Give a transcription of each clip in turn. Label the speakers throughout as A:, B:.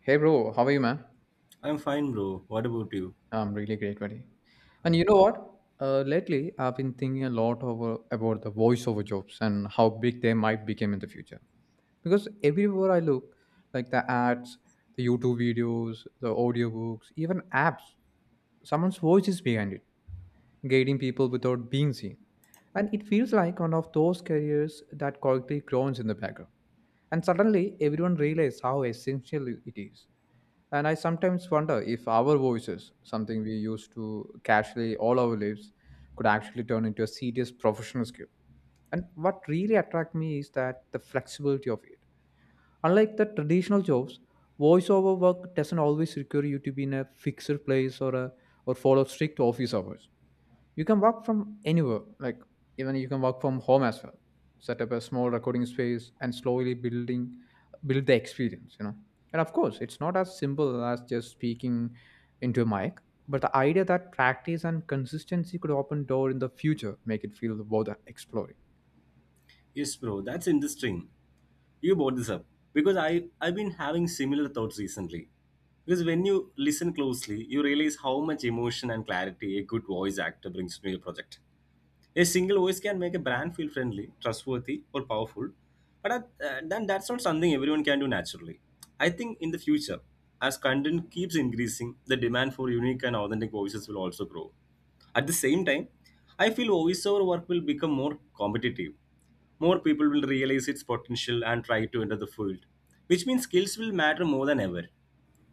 A: Hey bro, how are you, man?
B: I'm fine, bro. What about you?
A: I'm really great, buddy. And you know what? Lately, I've been thinking a lot over about the voiceover jobs and how big they might become in the future. Because everywhere I look, like the ads, the YouTube videos, the audiobooks, even apps, someone's voice is behind it, guiding people without being seen. And it feels like one of those careers that quietly groans in the background. And suddenly, everyone realizes how essential it is. And I sometimes wonder if our voices, something we used to casually all our lives, could actually turn into a serious professional skill. And what really attracted me is that the flexibility of it. Unlike the traditional jobs, voiceover work doesn't always require you to be in a fixed place or follow strict office hours. You can work from anywhere. Like, even you can work from home as well, set up a small recording space and slowly build the experience, you know. And of course, it's not as simple as just speaking into a mic, but the idea that practice and consistency could open door in the future make it feel worth exploring.
B: Yes, bro. That's interesting. You brought this up because I've been having similar thoughts recently. Because when you listen closely, you realize how much emotion and clarity a good voice actor brings to your project. A single voice can make a brand feel friendly, trustworthy, or powerful, but then that's not something everyone can do naturally. I think in the future, as content keeps increasing, the demand for unique and authentic voices will also grow. At the same time, I feel voiceover work will become more competitive. More people will realize its potential and try to enter the field, which means skills will matter more than ever.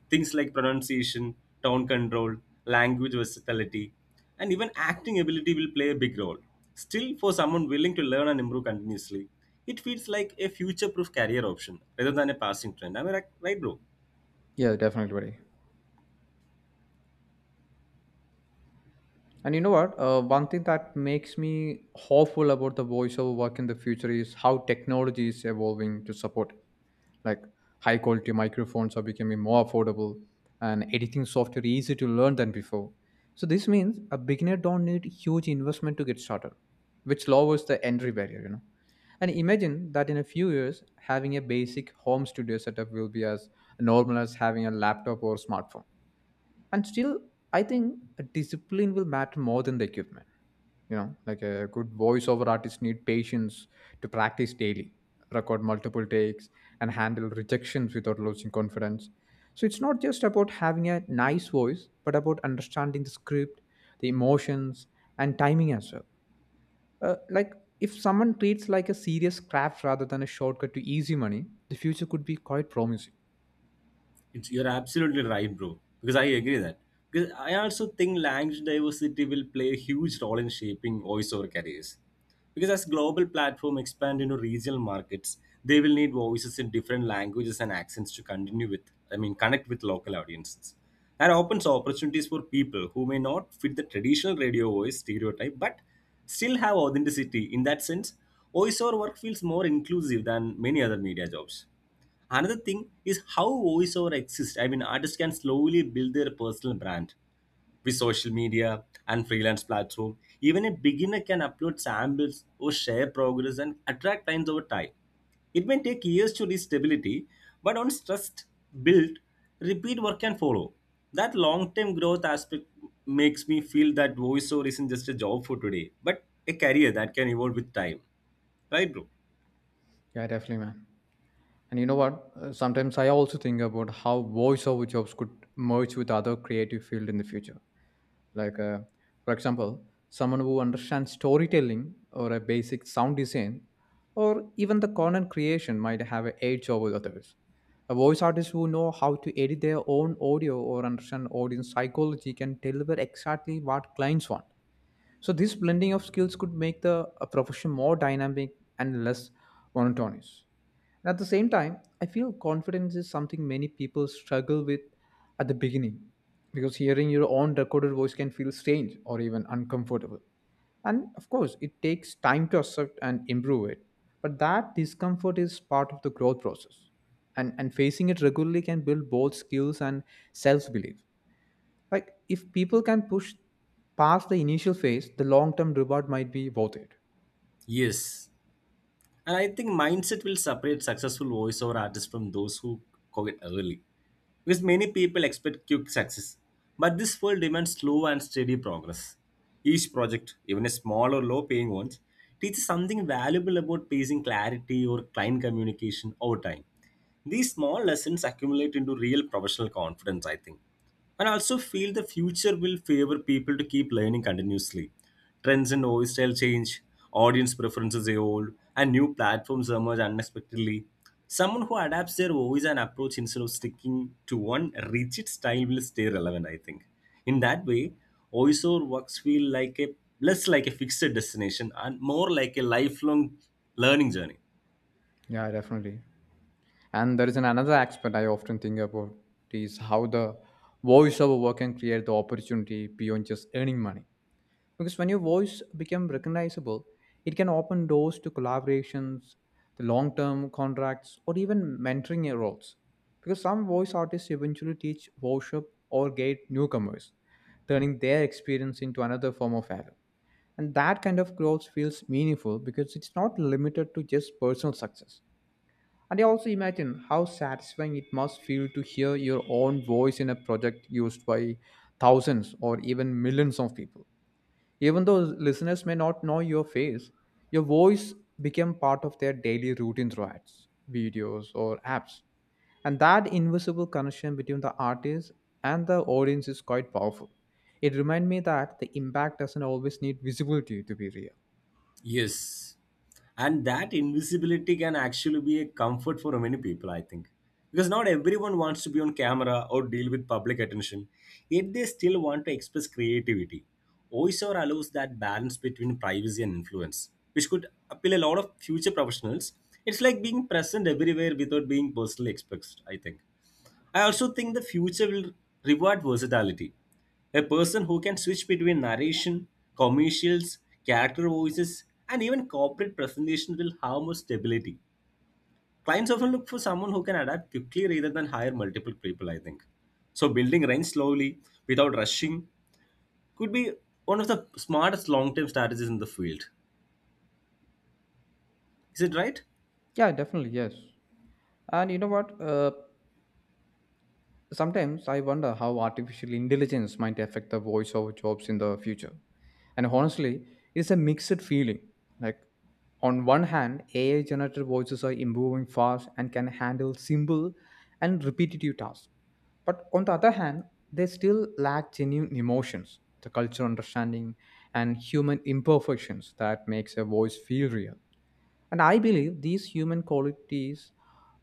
B: Things like pronunciation, tone control, language versatility, and even acting ability will play a big role. Still, for someone willing to learn and improve continuously, it feels like a future proof career option rather than a passing trend. Am I right, bro?
A: Yeah, definitely, buddy. And you know what One thing that makes me hopeful about the voiceover work in the future is how technology is evolving to support it, like high quality microphones are becoming more affordable and editing software easy to learn than before. So this means a beginner don't need huge investment to get started, which lowers the entry barrier, you know. And imagine that in a few years having a basic home studio setup will be as normal as having a laptop or smartphone. And still, I think a discipline will matter more than the equipment. You know, like a good voiceover artist need patience to practice daily, record multiple takes, and handle rejections without losing confidence. So it's not just about having a nice voice but about understanding the script, the emotions, and timing as well. Like, if someone treats like a serious craft rather than a shortcut to easy money, the future could be quite promising.
B: It's, you're absolutely right, bro. Because I agree that. Because I also think language diversity will play a huge role in shaping voiceover careers. Because as global platforms expand into regional markets, they will need voices in different languages and accents to continue with, I mean, connect with local audiences. That opens opportunities for people who may not fit the traditional radio voice stereotype, but still have authenticity. In that sense, voiceover work feels more inclusive than many other media jobs. Another thing is how voiceover exists, I mean artists can slowly build their personal brand with social media and freelance platform. Even a beginner can upload samples or share progress and attract clients over time. It may take years to reach stability, but once trust built, repeat work can follow. That long-term growth aspect makes me feel that voiceover isn't just a job for today but a career that can evolve with time, right bro?
A: Yeah, definitely, man. And you know what? Sometimes I also think about how voiceover jobs could merge with other creative field in the future. Like, uh, for example, someone who understands storytelling or a basic sound design or even the content creation might have an edge over others. A voice artist who know how to edit their own audio or understand audience psychology can deliver exactly what clients want. So this blending of skills could make the profession more dynamic and less monotonous. At the same time, I feel confidence is something many people struggle with at the beginning, because hearing your own recorded voice can feel strange or even uncomfortable. And of course, it takes time to accept and improve it. But that discomfort is part of the growth process. And facing it regularly can build both skills and self belief. Like, if people can push past the initial phase, the long term reward might be worth it.
B: Yes. And I think mindset will separate successful voiceover artists from those who quit early. Because many people expect quick success. But this world demands slow and steady progress. Each project, even a small or low paying one, teaches something valuable about pacing clarity or client communication over time. These small lessons accumulate into real professional confidence, I think. And I also feel the future will favor people to keep learning continuously. Trends in voice style change, audience preferences evolve, and new platforms emerge unexpectedly. Someone who adapts their voice and approach instead of sticking to one rigid style will stay relevant, I think. In that way, voiceover works feel like a less like a fixed destination and more like a lifelong learning journey.
A: Yeah, definitely. And there is an another aspect I often think about is how the voiceover work can create the opportunity beyond just earning money. Because when your voice become recognizable, it can open doors to collaborations, the long-term contracts, or even mentoring roles. Because some voice artists eventually teach, worship, or guide newcomers, turning their experience into another form of value. And that kind of growth feels meaningful because it's not limited to just personal success. And I also imagine how satisfying it must feel to hear your own voice in a project used by thousands or even millions of people. Even though listeners may not know your face, your voice became part of their daily routine through ads, videos, or apps. And that invisible connection between the artist and the audience is quite powerful. It reminds me that the impact doesn't always need visibility to be real.
B: Yes. And that invisibility can actually be a comfort for many people, I think. Because not everyone wants to be on camera or deal with public attention, yet they still want to express creativity. OISOR allows that balance between privacy and influence, which could appeal a lot of future professionals. It's like being present everywhere without being personally expressed, I think. I also think the future will reward versatility. A person who can switch between narration, commercials, character voices, and even corporate presentations will have more stability. Clients often look for someone who can adapt quickly rather than hire multiple people, I think. So, building range slowly without rushing could be one of the smartest long term strategies in the field. Is it right?
A: Yeah, definitely, yes. And you know what? Sometimes I wonder how artificial intelligence might affect the voiceover jobs in the future. And honestly, it's a mixed feeling. Like, on one hand, AI generated voices are improving fast and can handle simple and repetitive tasks. But on the other hand, they still lack genuine emotions, the cultural understanding, and human imperfections that makes a voice feel real. And I believe these human qualities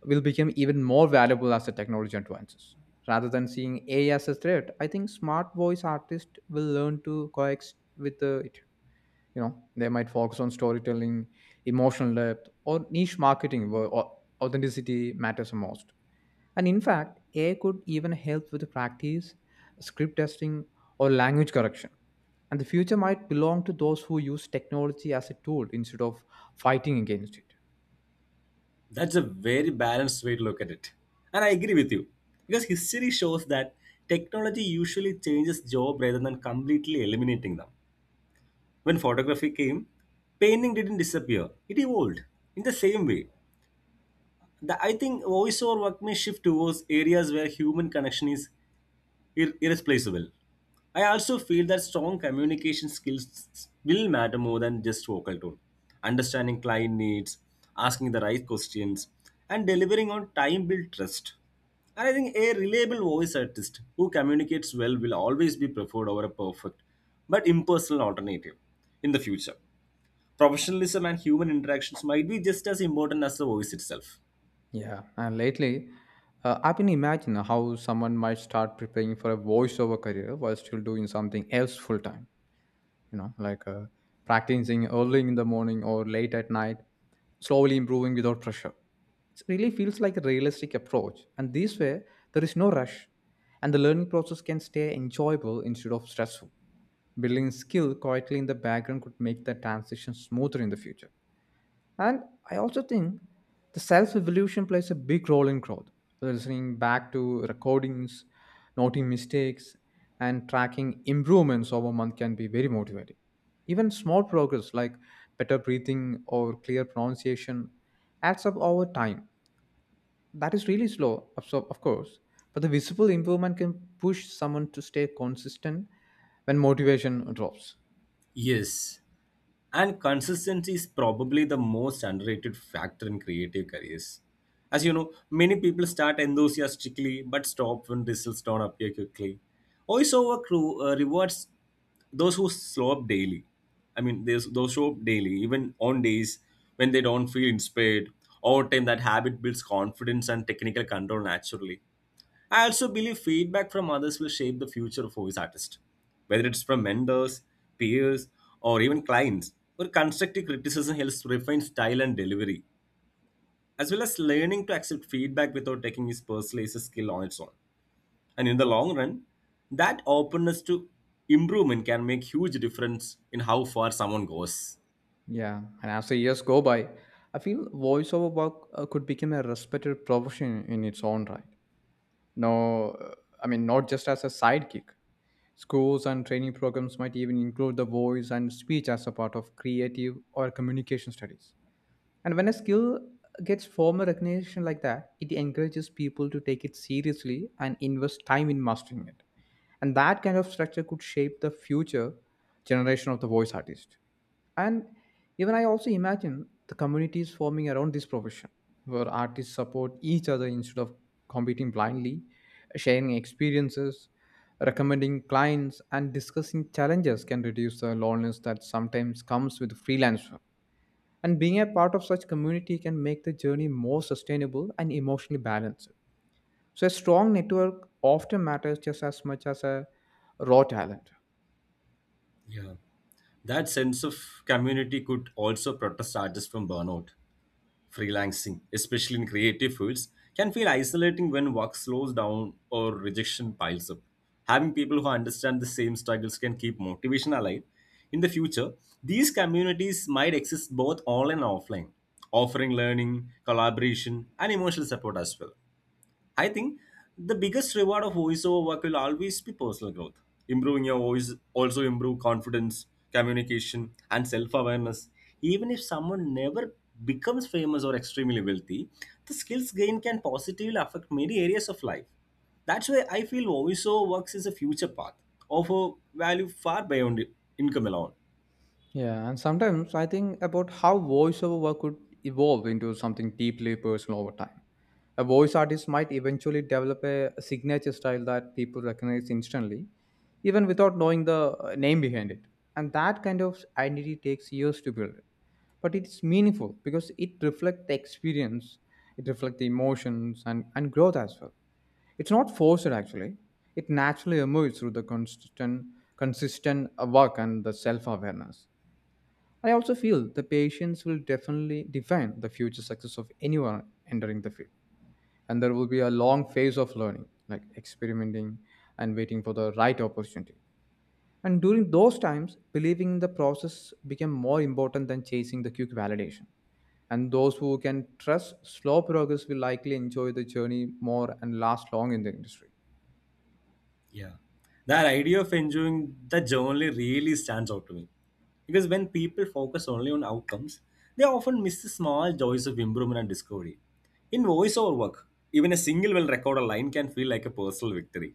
A: will become even more valuable as the technology advances. Rather than seeing AI as a threat, I think smart voice artists will learn to coexist with it. You know, they might focus on storytelling, emotional depth, or niche marketing where authenticity matters the most. And in fact, AI could even help with practice, script testing, or language correction. And the future might belong to those who use technology as a tool instead of fighting against it.
B: That's a very balanced way to look at it. And I agree with you. Because history shows that technology usually changes job rather than completely eliminating them. When photography came, painting didn't disappear, it evolved. In the same way, I think voiceover work may shift towards areas where human connection is irreplaceable. I also feel that strong communication skills will matter more than just vocal tone. Understanding client needs, asking the right questions, and delivering on time build trust. And I think a reliable voice artist who communicates well will always be preferred over a perfect but impersonal alternative in the future. Professionalism and human interactions might be just as important as the voice itself.
A: Yeah, and lately, I've been imagining how someone might start preparing for a voiceover career while still doing something else full time. You know, like uh, Practicing early in the morning or late at night, slowly improving without pressure. It really feels like a realistic approach, and this way, there is no rush, and the learning process can stay enjoyable instead of stressful. Building skill quietly in the background could make the transition smoother in the future. And I also think the self evolution plays a big role in growth. So, listening back to recordings, noting mistakes, and tracking improvements over a month can be very motivating. Even small progress like better breathing or clear pronunciation adds up over time. That is really slow, of course, but the visible improvement can push someone to stay consistent when motivation drops.
B: Yes, and consistency is probably the most underrated factor in creative careers. As you know, many people start enthusiastically but stop when results don't appear quickly. Voiceover crew rewards those who slow up daily. I mean, those show up daily, even on days when they don't feel inspired. Over time, that habit builds confidence and technical control naturally. I also believe feedback from others will shape the future of voice artists, whether it's from mentors, peers, or even clients. Where constructive criticism helps refine style and delivery, as well as learning to accept feedback without taking it personally is a skill on its own. And in the long run, that openness to improvement can make huge difference in how far someone goes.
A: Yeah, and as the years go by, I feel voiceover work could become a respected profession in its own right. No, uh, Not just as a sidekick. Schools and training programs might even include the voice and speech as a part of creative or communication studies. And when a skill gets formal recognition like that, it encourages people to take it seriously and invest time in mastering it. And that kind of structure could shape the future generation of the voice artist. And even I also imagine the communities forming around this profession, where artists support each other instead of competing blindly, sharing experiences, recommending clients, and discussing challenges can reduce the loneliness that sometimes comes with freelance work. And being a part of such community can make the journey more sustainable and emotionally balanced. So a strong network often matters just as much as a raw talent.
B: Yeah, that sense of community could also protect artists from burnout freelancing, especially in creative fields, can feel isolating when work slows down or rejection piles up. Having people who understand the same struggles can keep motivation alive. In the future, these communities might exist both online and offline, offering learning, collaboration, and emotional support as well. I think the biggest reward of voiceover work will always be personal growth. Improving your voice also improve confidence, communication, and self-awareness. Even if someone never becomes famous or extremely wealthy, the skills gained can positively affect many areas of life. That's why I feel voiceover works is a future path, offer value far beyond income alone.
A: Yeah, and sometimes I think about how voiceover work could evolve into something deeply personal over time. A voice artist might eventually develop a signature style that people recognize instantly, even without knowing the name behind it. And that kind of identity takes years to build. But it's meaningful because it reflects the experience, it reflects the emotions and growth as well. It's not forced actually. It naturally emerges through the consistent work and the self-awareness. I also feel the patience will definitely define the future success of anyone entering the field. And there will be a long phase of learning, like experimenting and waiting for the right opportunity. And during those times, believing in the process became more important than chasing the quick validation. And those who can trust slow progress will likely enjoy the journey more and last long in the industry.
B: Yeah. That idea of enjoying the journey really stands out to me. Because when people focus only on outcomes, they often miss the small joys of improvement and discovery. In voiceover work, even a single well recorded line can feel like a personal victory.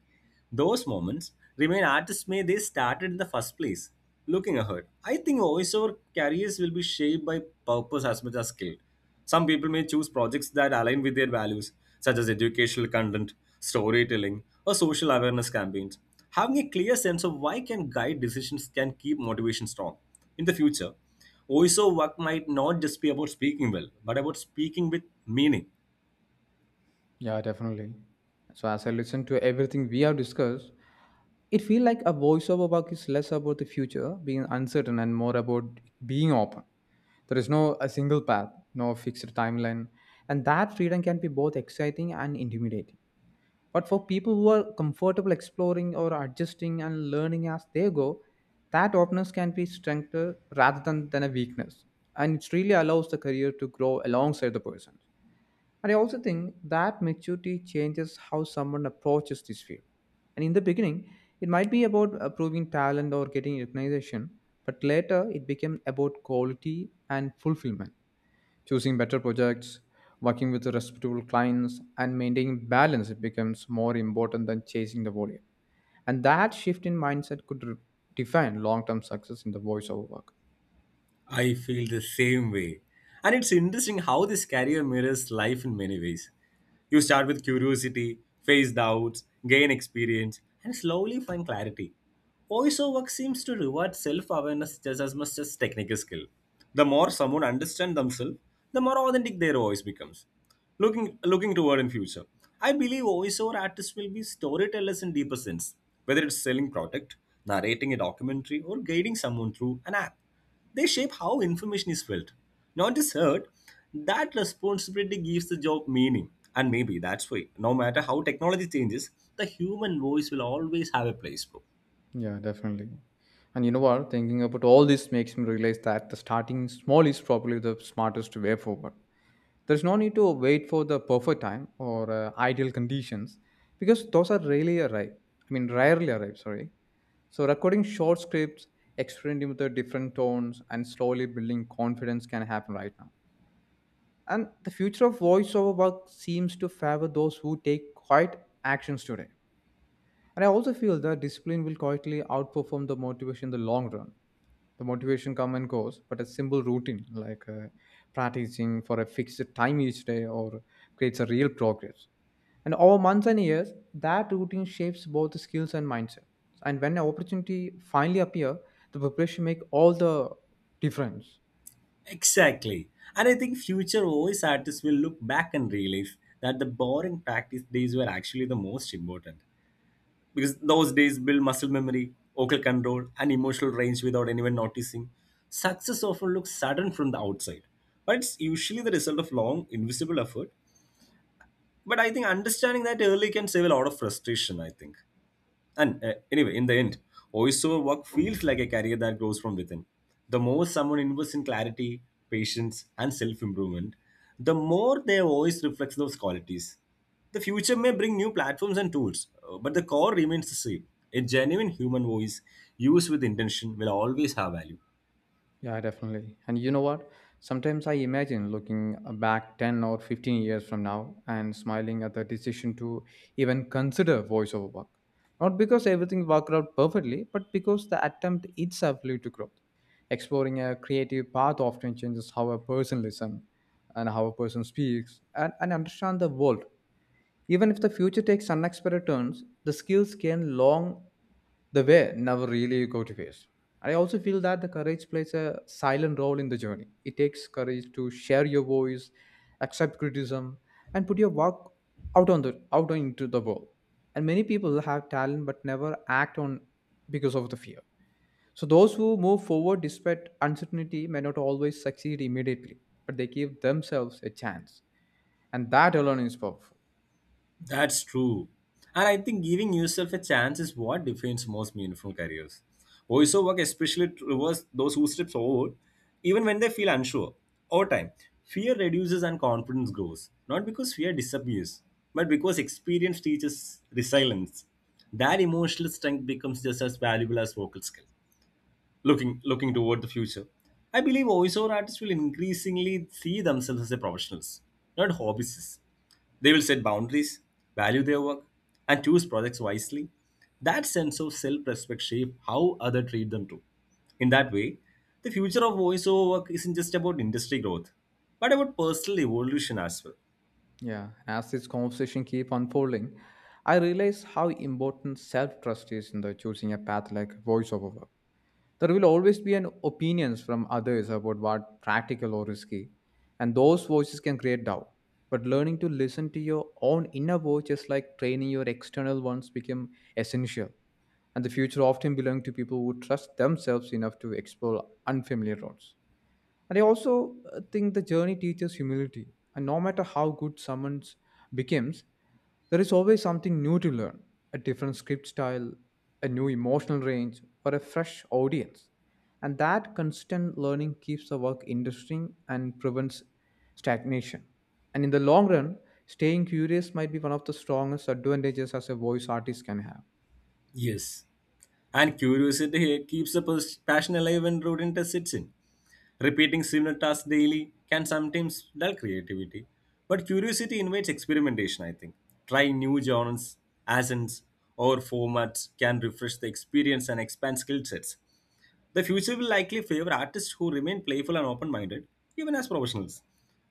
B: Those moments remain artists may they started in the first place. Looking ahead, I think voiceover careers will be shaped by purpose as much as skill. Some people may choose projects that align with their values, such as educational content, storytelling, or social awareness campaigns. Having a clear sense of why can guide decisions can keep motivation strong. In the future, OISO work might not just be about speaking well, but about speaking with meaning.
A: Yeah, definitely. So as I listen to everything we have discussed, it feels like a voiceover work is less about the future being uncertain and more about being open. There is no a single path, no fixed timeline, and that freedom can be both exciting and intimidating. But for people who are comfortable exploring or adjusting and learning as they go, that openness can be strength rather than a weakness. And it really allows the career to grow alongside the person. And I also think that maturity changes how someone approaches this field. And in the beginning, it might be about proving talent or getting recognition, but later it became about quality and fulfillment, choosing better projects, working with respectable clients, and maintaining balance. It becomes more important than chasing the volume. And that shift in mindset could define long-term success in the voiceover work.
B: I feel the same way. And it's interesting how this career mirrors life in many ways. You start with curiosity, face doubts, gain experience, and slowly find clarity. Also, work seems to reward self awareness just as much as technical skill. The more someone understands themselves, the more authentic their voice becomes. Looking toward in future, I believe voiceover artists will be storytellers in deeper sense, whether it's selling product, narrating a documentary, or guiding someone through an app, they shape how information is felt, not just heard. That responsibility gives the job meaning. And maybe that's why, no matter how technology changes, the human voice will always have a place, bro.
A: Yeah, definitely. And you know what? Thinking about all this makes me realize that the starting small is probably the smartest way forward. There's no need to wait for the perfect time or ideal conditions because those are rarely arrive. Sorry. So recording short scripts, experimenting with the different tones, and slowly building confidence can happen right now. And the future of voiceover work seems to favor those who take quiet actions today. And I also feel that discipline will quietly outperform the motivation in the long run. The motivation come and goes, but a simple routine like practicing for a fixed time each day or creates a real progress. And over months and years, that routine shapes both the skills and mindset. And when an opportunity finally appear, the preparation make all the difference.
B: Exactly. And I think future voice artists will look back and realize that the boring practice days were actually the most important. Because those days build muscle memory, vocal control, and emotional range without anyone noticing. Success often looks sudden from the outside, but it's usually the result of long, invisible effort. But I think understanding that early can save a lot of frustration, I think. And anyway, in the end, voiceover work feels like a career that grows from within. The more someone invests in clarity, patience and self-improvement, the more their voice reflects those qualities. The future may bring new platforms and tools, but the core remains the same. A genuine human voice used with intention will always have value.
A: Yeah, definitely. And you know what? Sometimes I imagine looking back 10 or 15 years from now and smiling at the decision to even consider voiceover work. Not because everything worked out perfectly, but because the attempt itself led to growth. Exploring a creative path often changes how a person listens and how a person speaks and understand the world. Even if the future takes unexpected turns, the skills gained long the way never really go to face. I also feel that the courage plays a silent role in the journey. It takes courage to share your voice, accept criticism, and put your work out on the out into the world. And many people have talent but never act on because of the fear. So those who move forward despite uncertainty may not always succeed immediately, but they give themselves a chance, and that alone is powerful.
B: That's true. And I think giving yourself a chance is what defines most meaningful careers. Voiceover work especially rewards those who step forward, even when they feel unsure. Over time, fear reduces and confidence grows. Not because fear disappears, but because experience teaches resilience. That emotional strength becomes just as valuable as vocal skill looking toward the future. I believe voiceover artists will increasingly see themselves as a professionals, not hobbyists. They will set boundaries, value their work, and choose projects wisely. That sense of self-respect shape how other treat them too. In that way, the future of voiceover work isn't just about industry growth, but about personal evolution as well.
A: Yeah, as this conversation keep unfolding, I realize how important self-trust is in the choosing a path like voiceover work. There will always be an opinions from others about what practical or risky, and those voices can create doubt. But learning to listen to your own inner voice, just like training your external ones, become essential. And the future often belongs to people who trust themselves enough to explore unfamiliar roads. And I also think the journey teaches humility. And no matter how good someone becomes, there is always something new to learn, a different script style, a new emotional range, or a fresh audience. And that constant learning keeps the work interesting and prevents stagnation. And in the long run, staying curious might be one of the strongest advantages as a voice artist can have.
B: Yes, and curiosity keeps the passion alive when routine test sits in. Repeating similar tasks daily can sometimes dull creativity, but curiosity invites experimentation, I think. Trying new genres, accents, or formats can refresh the experience and expand skill sets. The future will likely favor artists who remain playful and open minded, even as professionals.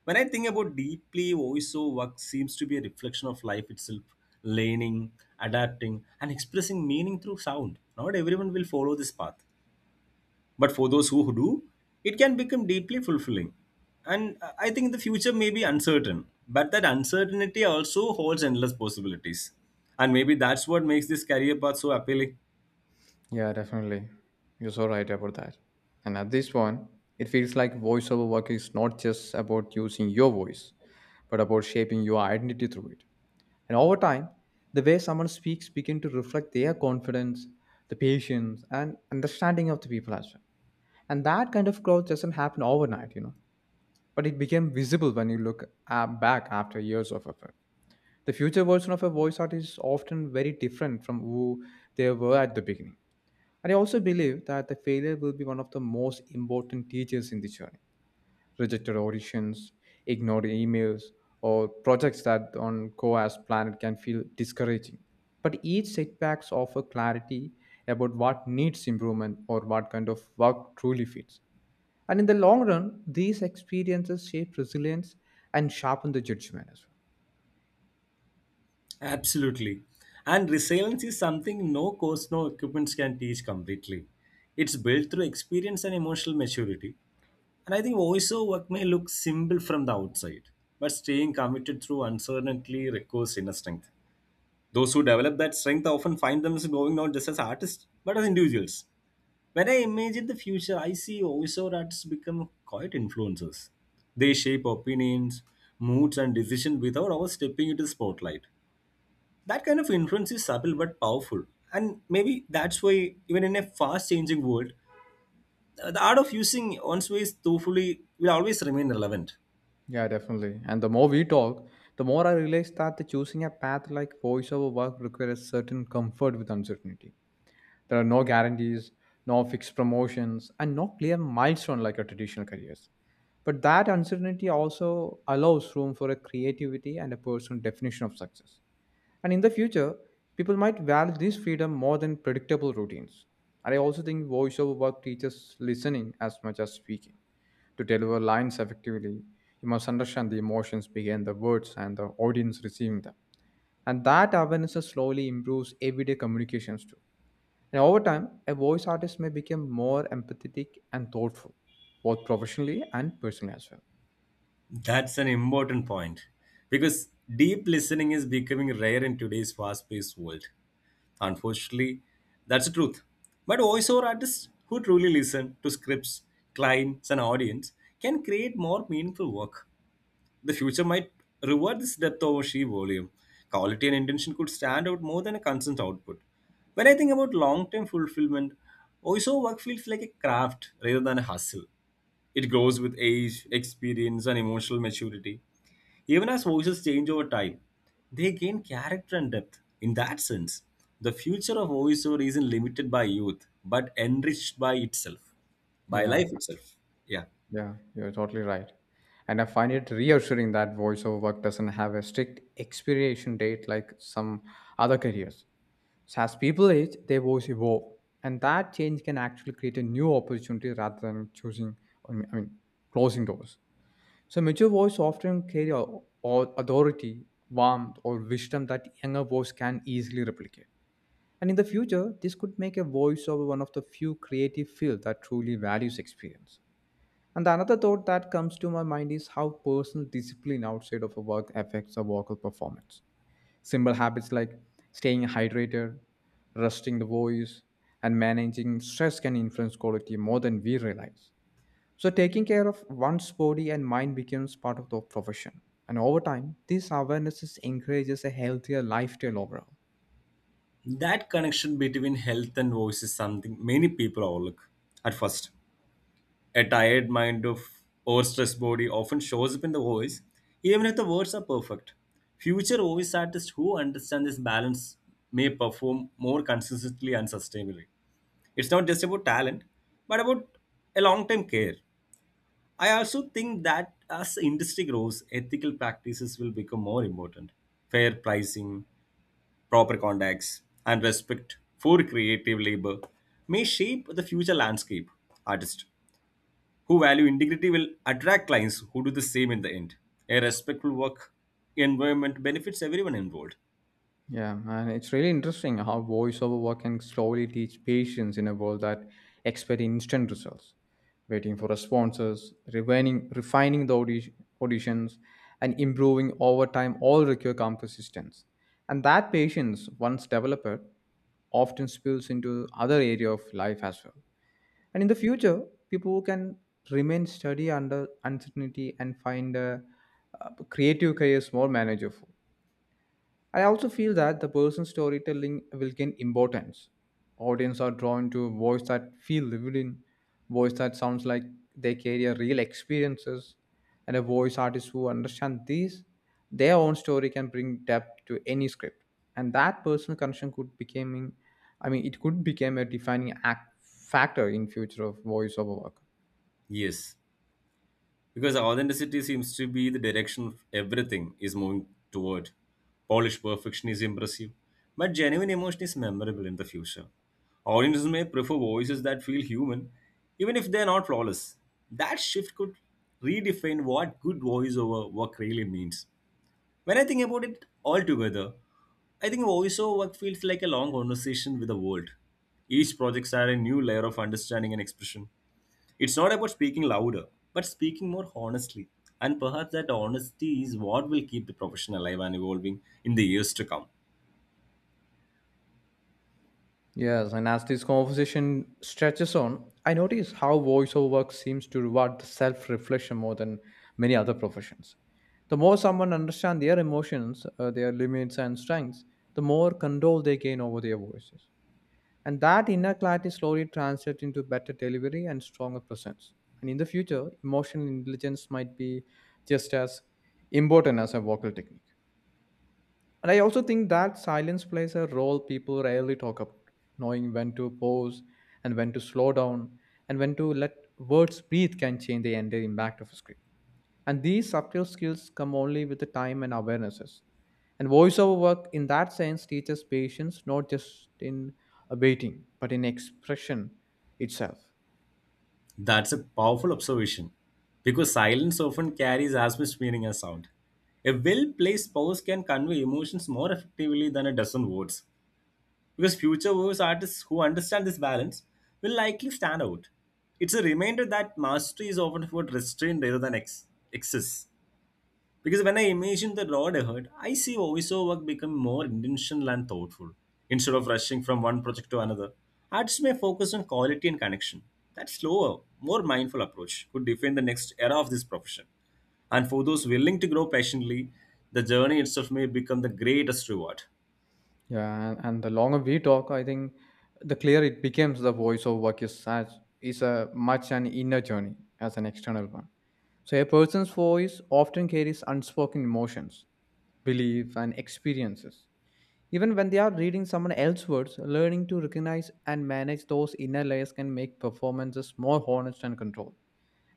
B: When I think about deeply, voiceover work seems to be a reflection of life itself, learning, adapting, and expressing meaning through sound. Not everyone will follow this path but for those who do, it can become deeply fulfilling. And I think the future may be uncertain, but that uncertainty also holds endless possibilities. And maybe that's what makes this career path so appealing.
A: Yeah, definitely. You're so right about that. And at this point, it feels like voiceover work is not just about using your voice, but about shaping your identity through it. And over time, the way someone speaks begin to reflect their confidence, the patience, and understanding of the people as well. And that kind of growth doesn't happen overnight, you know. But it became visible when you look back after years of effort. The future version of a voice artist is often very different from who they were at the beginning, and I also believe that the failure will be one of the most important teachers in the journey. Rejected auditions, ignored emails, or projects that on go as planned can feel discouraging. But each setbacks offer clarity about what needs improvement or what kind of work truly fits. And in the long run, these experiences shape resilience and sharpen the judgment as well.
B: Absolutely. And resilience is something no course, no equipments can teach completely. It's built through experience and emotional maturity. And I think voiceover work may look simple from the outside, but staying committed through uncertainty requires inner strength. Those who develop that strength often find themselves going not just as artists, but as individuals. When I imagine the future, I see voiceover artists become quiet influencers. They shape opinions, moods, and decisions without ever stepping into the spotlight. That kind of influence is subtle but powerful. And maybe that's why, even in a fast changing world, the art of using one's ways thoughtfully will always remain relevant.
A: Yeah, definitely. And the more we talk, the more I realize that the choosing a path like voiceover work requires certain comfort with uncertainty. There are no guarantees, no fixed promotions, and no clear milestone like a traditional careers. But that uncertainty also allows room for a creativity and a personal definition of success. And in the future, people might value this freedom more than predictable routines. And I also think voiceover work teaches listening as much as speaking. To deliver lines effectively, you must understand the emotions behind the words and the audience receiving them. And that awareness slowly improves everyday communications too. And over time, a voice artist may become more empathetic and thoughtful, both professionally and personally as well.
B: That's an important point because deep listening is becoming rare in today's fast paced world. Unfortunately, that's the truth. But voiceover artists who truly listen to scripts, clients, and audience can create more meaningful work. The future might reward this depth over sheer volume. Quality and intention could stand out more than a constant output. When I think about long term fulfillment, voiceover work feels like a craft rather than a hustle. It grows with age, experience, and emotional maturity. Even as voices change over time, they gain character and depth. In that sense, the future of voiceover isn't limited by youth, but enriched by itself, by
A: Yeah,
B: life itself. Yeah.
A: yeah, you're totally right. And I find it reassuring that voiceover work doesn't have a strict expiration date like some other careers. So as people age, their voice evolve, and that change can actually create a new opportunity rather than choosing, I mean, closing doors. So mature voice often carry authority, warmth, or wisdom that younger voice can easily replicate. And in the future, this could make a voiceover one of the few creative fields that truly values experience. And the another thought that comes to my mind is how personal discipline outside of a work affects a vocal performance. Simple habits like staying hydrated, resting the voice, and managing stress can influence quality more than we realize. So, taking care of one's body and mind becomes part of the profession. And over time, this awareness encourages a healthier lifestyle overall.
B: That connection between health and voice is something many people overlook at first. A tired mind of or stressed body often shows up in the voice, even if the words are perfect. Future voice artists who understand this balance may perform more consistently and sustainably. It's not just about talent, but about a long-term care. I also think that as the industry grows, ethical practices will become more important. Fair pricing, proper contacts, and respect for creative labor may shape the future landscape. Artist who value integrity will attract clients who do the same in the end. A respectful work environment benefits everyone involved.
A: Yeah, and it's really interesting how voiceover work can slowly teach patience in a world that expect instant results, waiting for responses, refining the auditions, and improving over time all require calm persistence. And that patience, once developed, often spills into other area of life as well. And in the future, people who can remain steady under uncertainty and find a, creative careers more manageable. I also feel that the person's storytelling will gain importance. Audience are drawn to a voice that feel lived in, voice that sounds like they carry a real experiences, and a voice artist who understand these, their own story can bring depth to any script. And that personal connection could becoming, I mean, it could become a defining act factor in future of voiceover work.
B: Yes, because authenticity seems to be the direction of everything is moving toward. Polished perfection is impressive, but genuine emotion is memorable in the future. Audiences may prefer voices that feel human, even if they're not flawless. That shift could redefine what good voiceover work really means. When I think about it all together, I think voiceover work feels like a long conversation with the world. Each projects add a new layer of understanding and expression. It's not about speaking louder, but speaking more honestly. And perhaps that honesty is what will keep the profession alive and evolving in the years to come.
A: Yes, and as this conversation stretches on, I notice how voiceover work seems to reward the self reflection more than many other professions. The more someone understands their emotions, their limits, and strengths, the more control they gain over their voices. And that inner clarity slowly translates into better delivery and stronger presence. And in the future, emotional intelligence might be just as important as a vocal technique. And I also think that silence plays a role people rarely talk about, knowing when to pause and when to slow down and when to let words breathe can change the entire impact of a script. And these subtle skills come only with the time and awarenesses. And voiceover work, in that sense, teaches patience not just in waiting, but in expression itself.
B: That's a powerful observation because silence often carries as much meaning as sound. A well placed pause can convey emotions more effectively than a dozen words. Because future works artists who understand this balance will likely stand out. It's a reminder that mastery is often about restraint rather than excess. Because when I imagine the road ahead, I see voiceover work become more intentional and thoughtful. Instead of rushing from one project to another, artists may focus on quality and connection. That slower, more mindful approach could define the next era of this profession. And for those willing to grow passionately, the journey itself may become the greatest reward.
A: Yeah, and the longer we talk, I think the clearer it becomes the voice of work is such is a much an inner journey as an external one. So a person's voice often carries unspoken emotions, beliefs, and experiences. Even when they are reading someone else's words, learning to recognize and manage those inner layers can make performances more honest and controlled.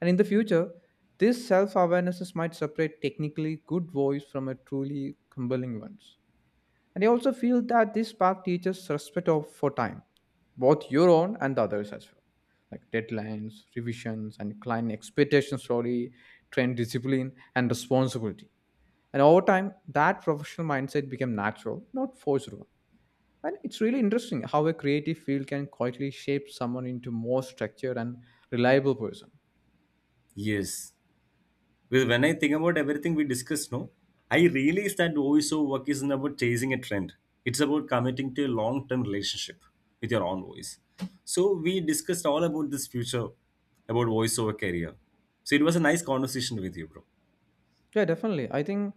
A: And in the future, this self-awareness might separate technically good voice from a truly compelling ones. And I also feel that this path teaches respect of, for time, both your own and the others as well. Like deadlines, revisions, and client expectations slowly train discipline and responsibility. And over time, that professional mindset became natural, not forced one. And it's really interesting how a creative field can quietly shape someone into more structured and reliable person.
B: Yes, well, when I think about everything we discussed, no, I realize that voiceover work isn't about chasing a trend. It's about committing to a long-term relationship with your own voice. So we discussed all about this future, about voiceover career. So it was a nice conversation with you, bro.
A: Yeah, definitely. I think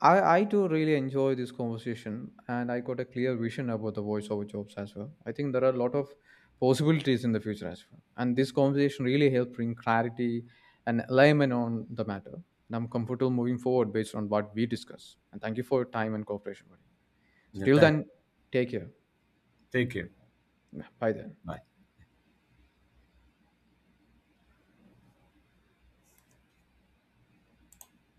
A: I I too really enjoy this conversation, and I got a clear vision about the voiceover jobs as well. I think there are a lot of possibilities in the future as well, and this conversation really helped bring clarity and alignment on the matter. And I'm comfortable moving forward based on what we discuss. And thank you for your time and cooperation, buddy. So
B: Yeah,
A: till
B: thank.
A: then, take care.
B: Take care.
A: Bye then.
B: Bye.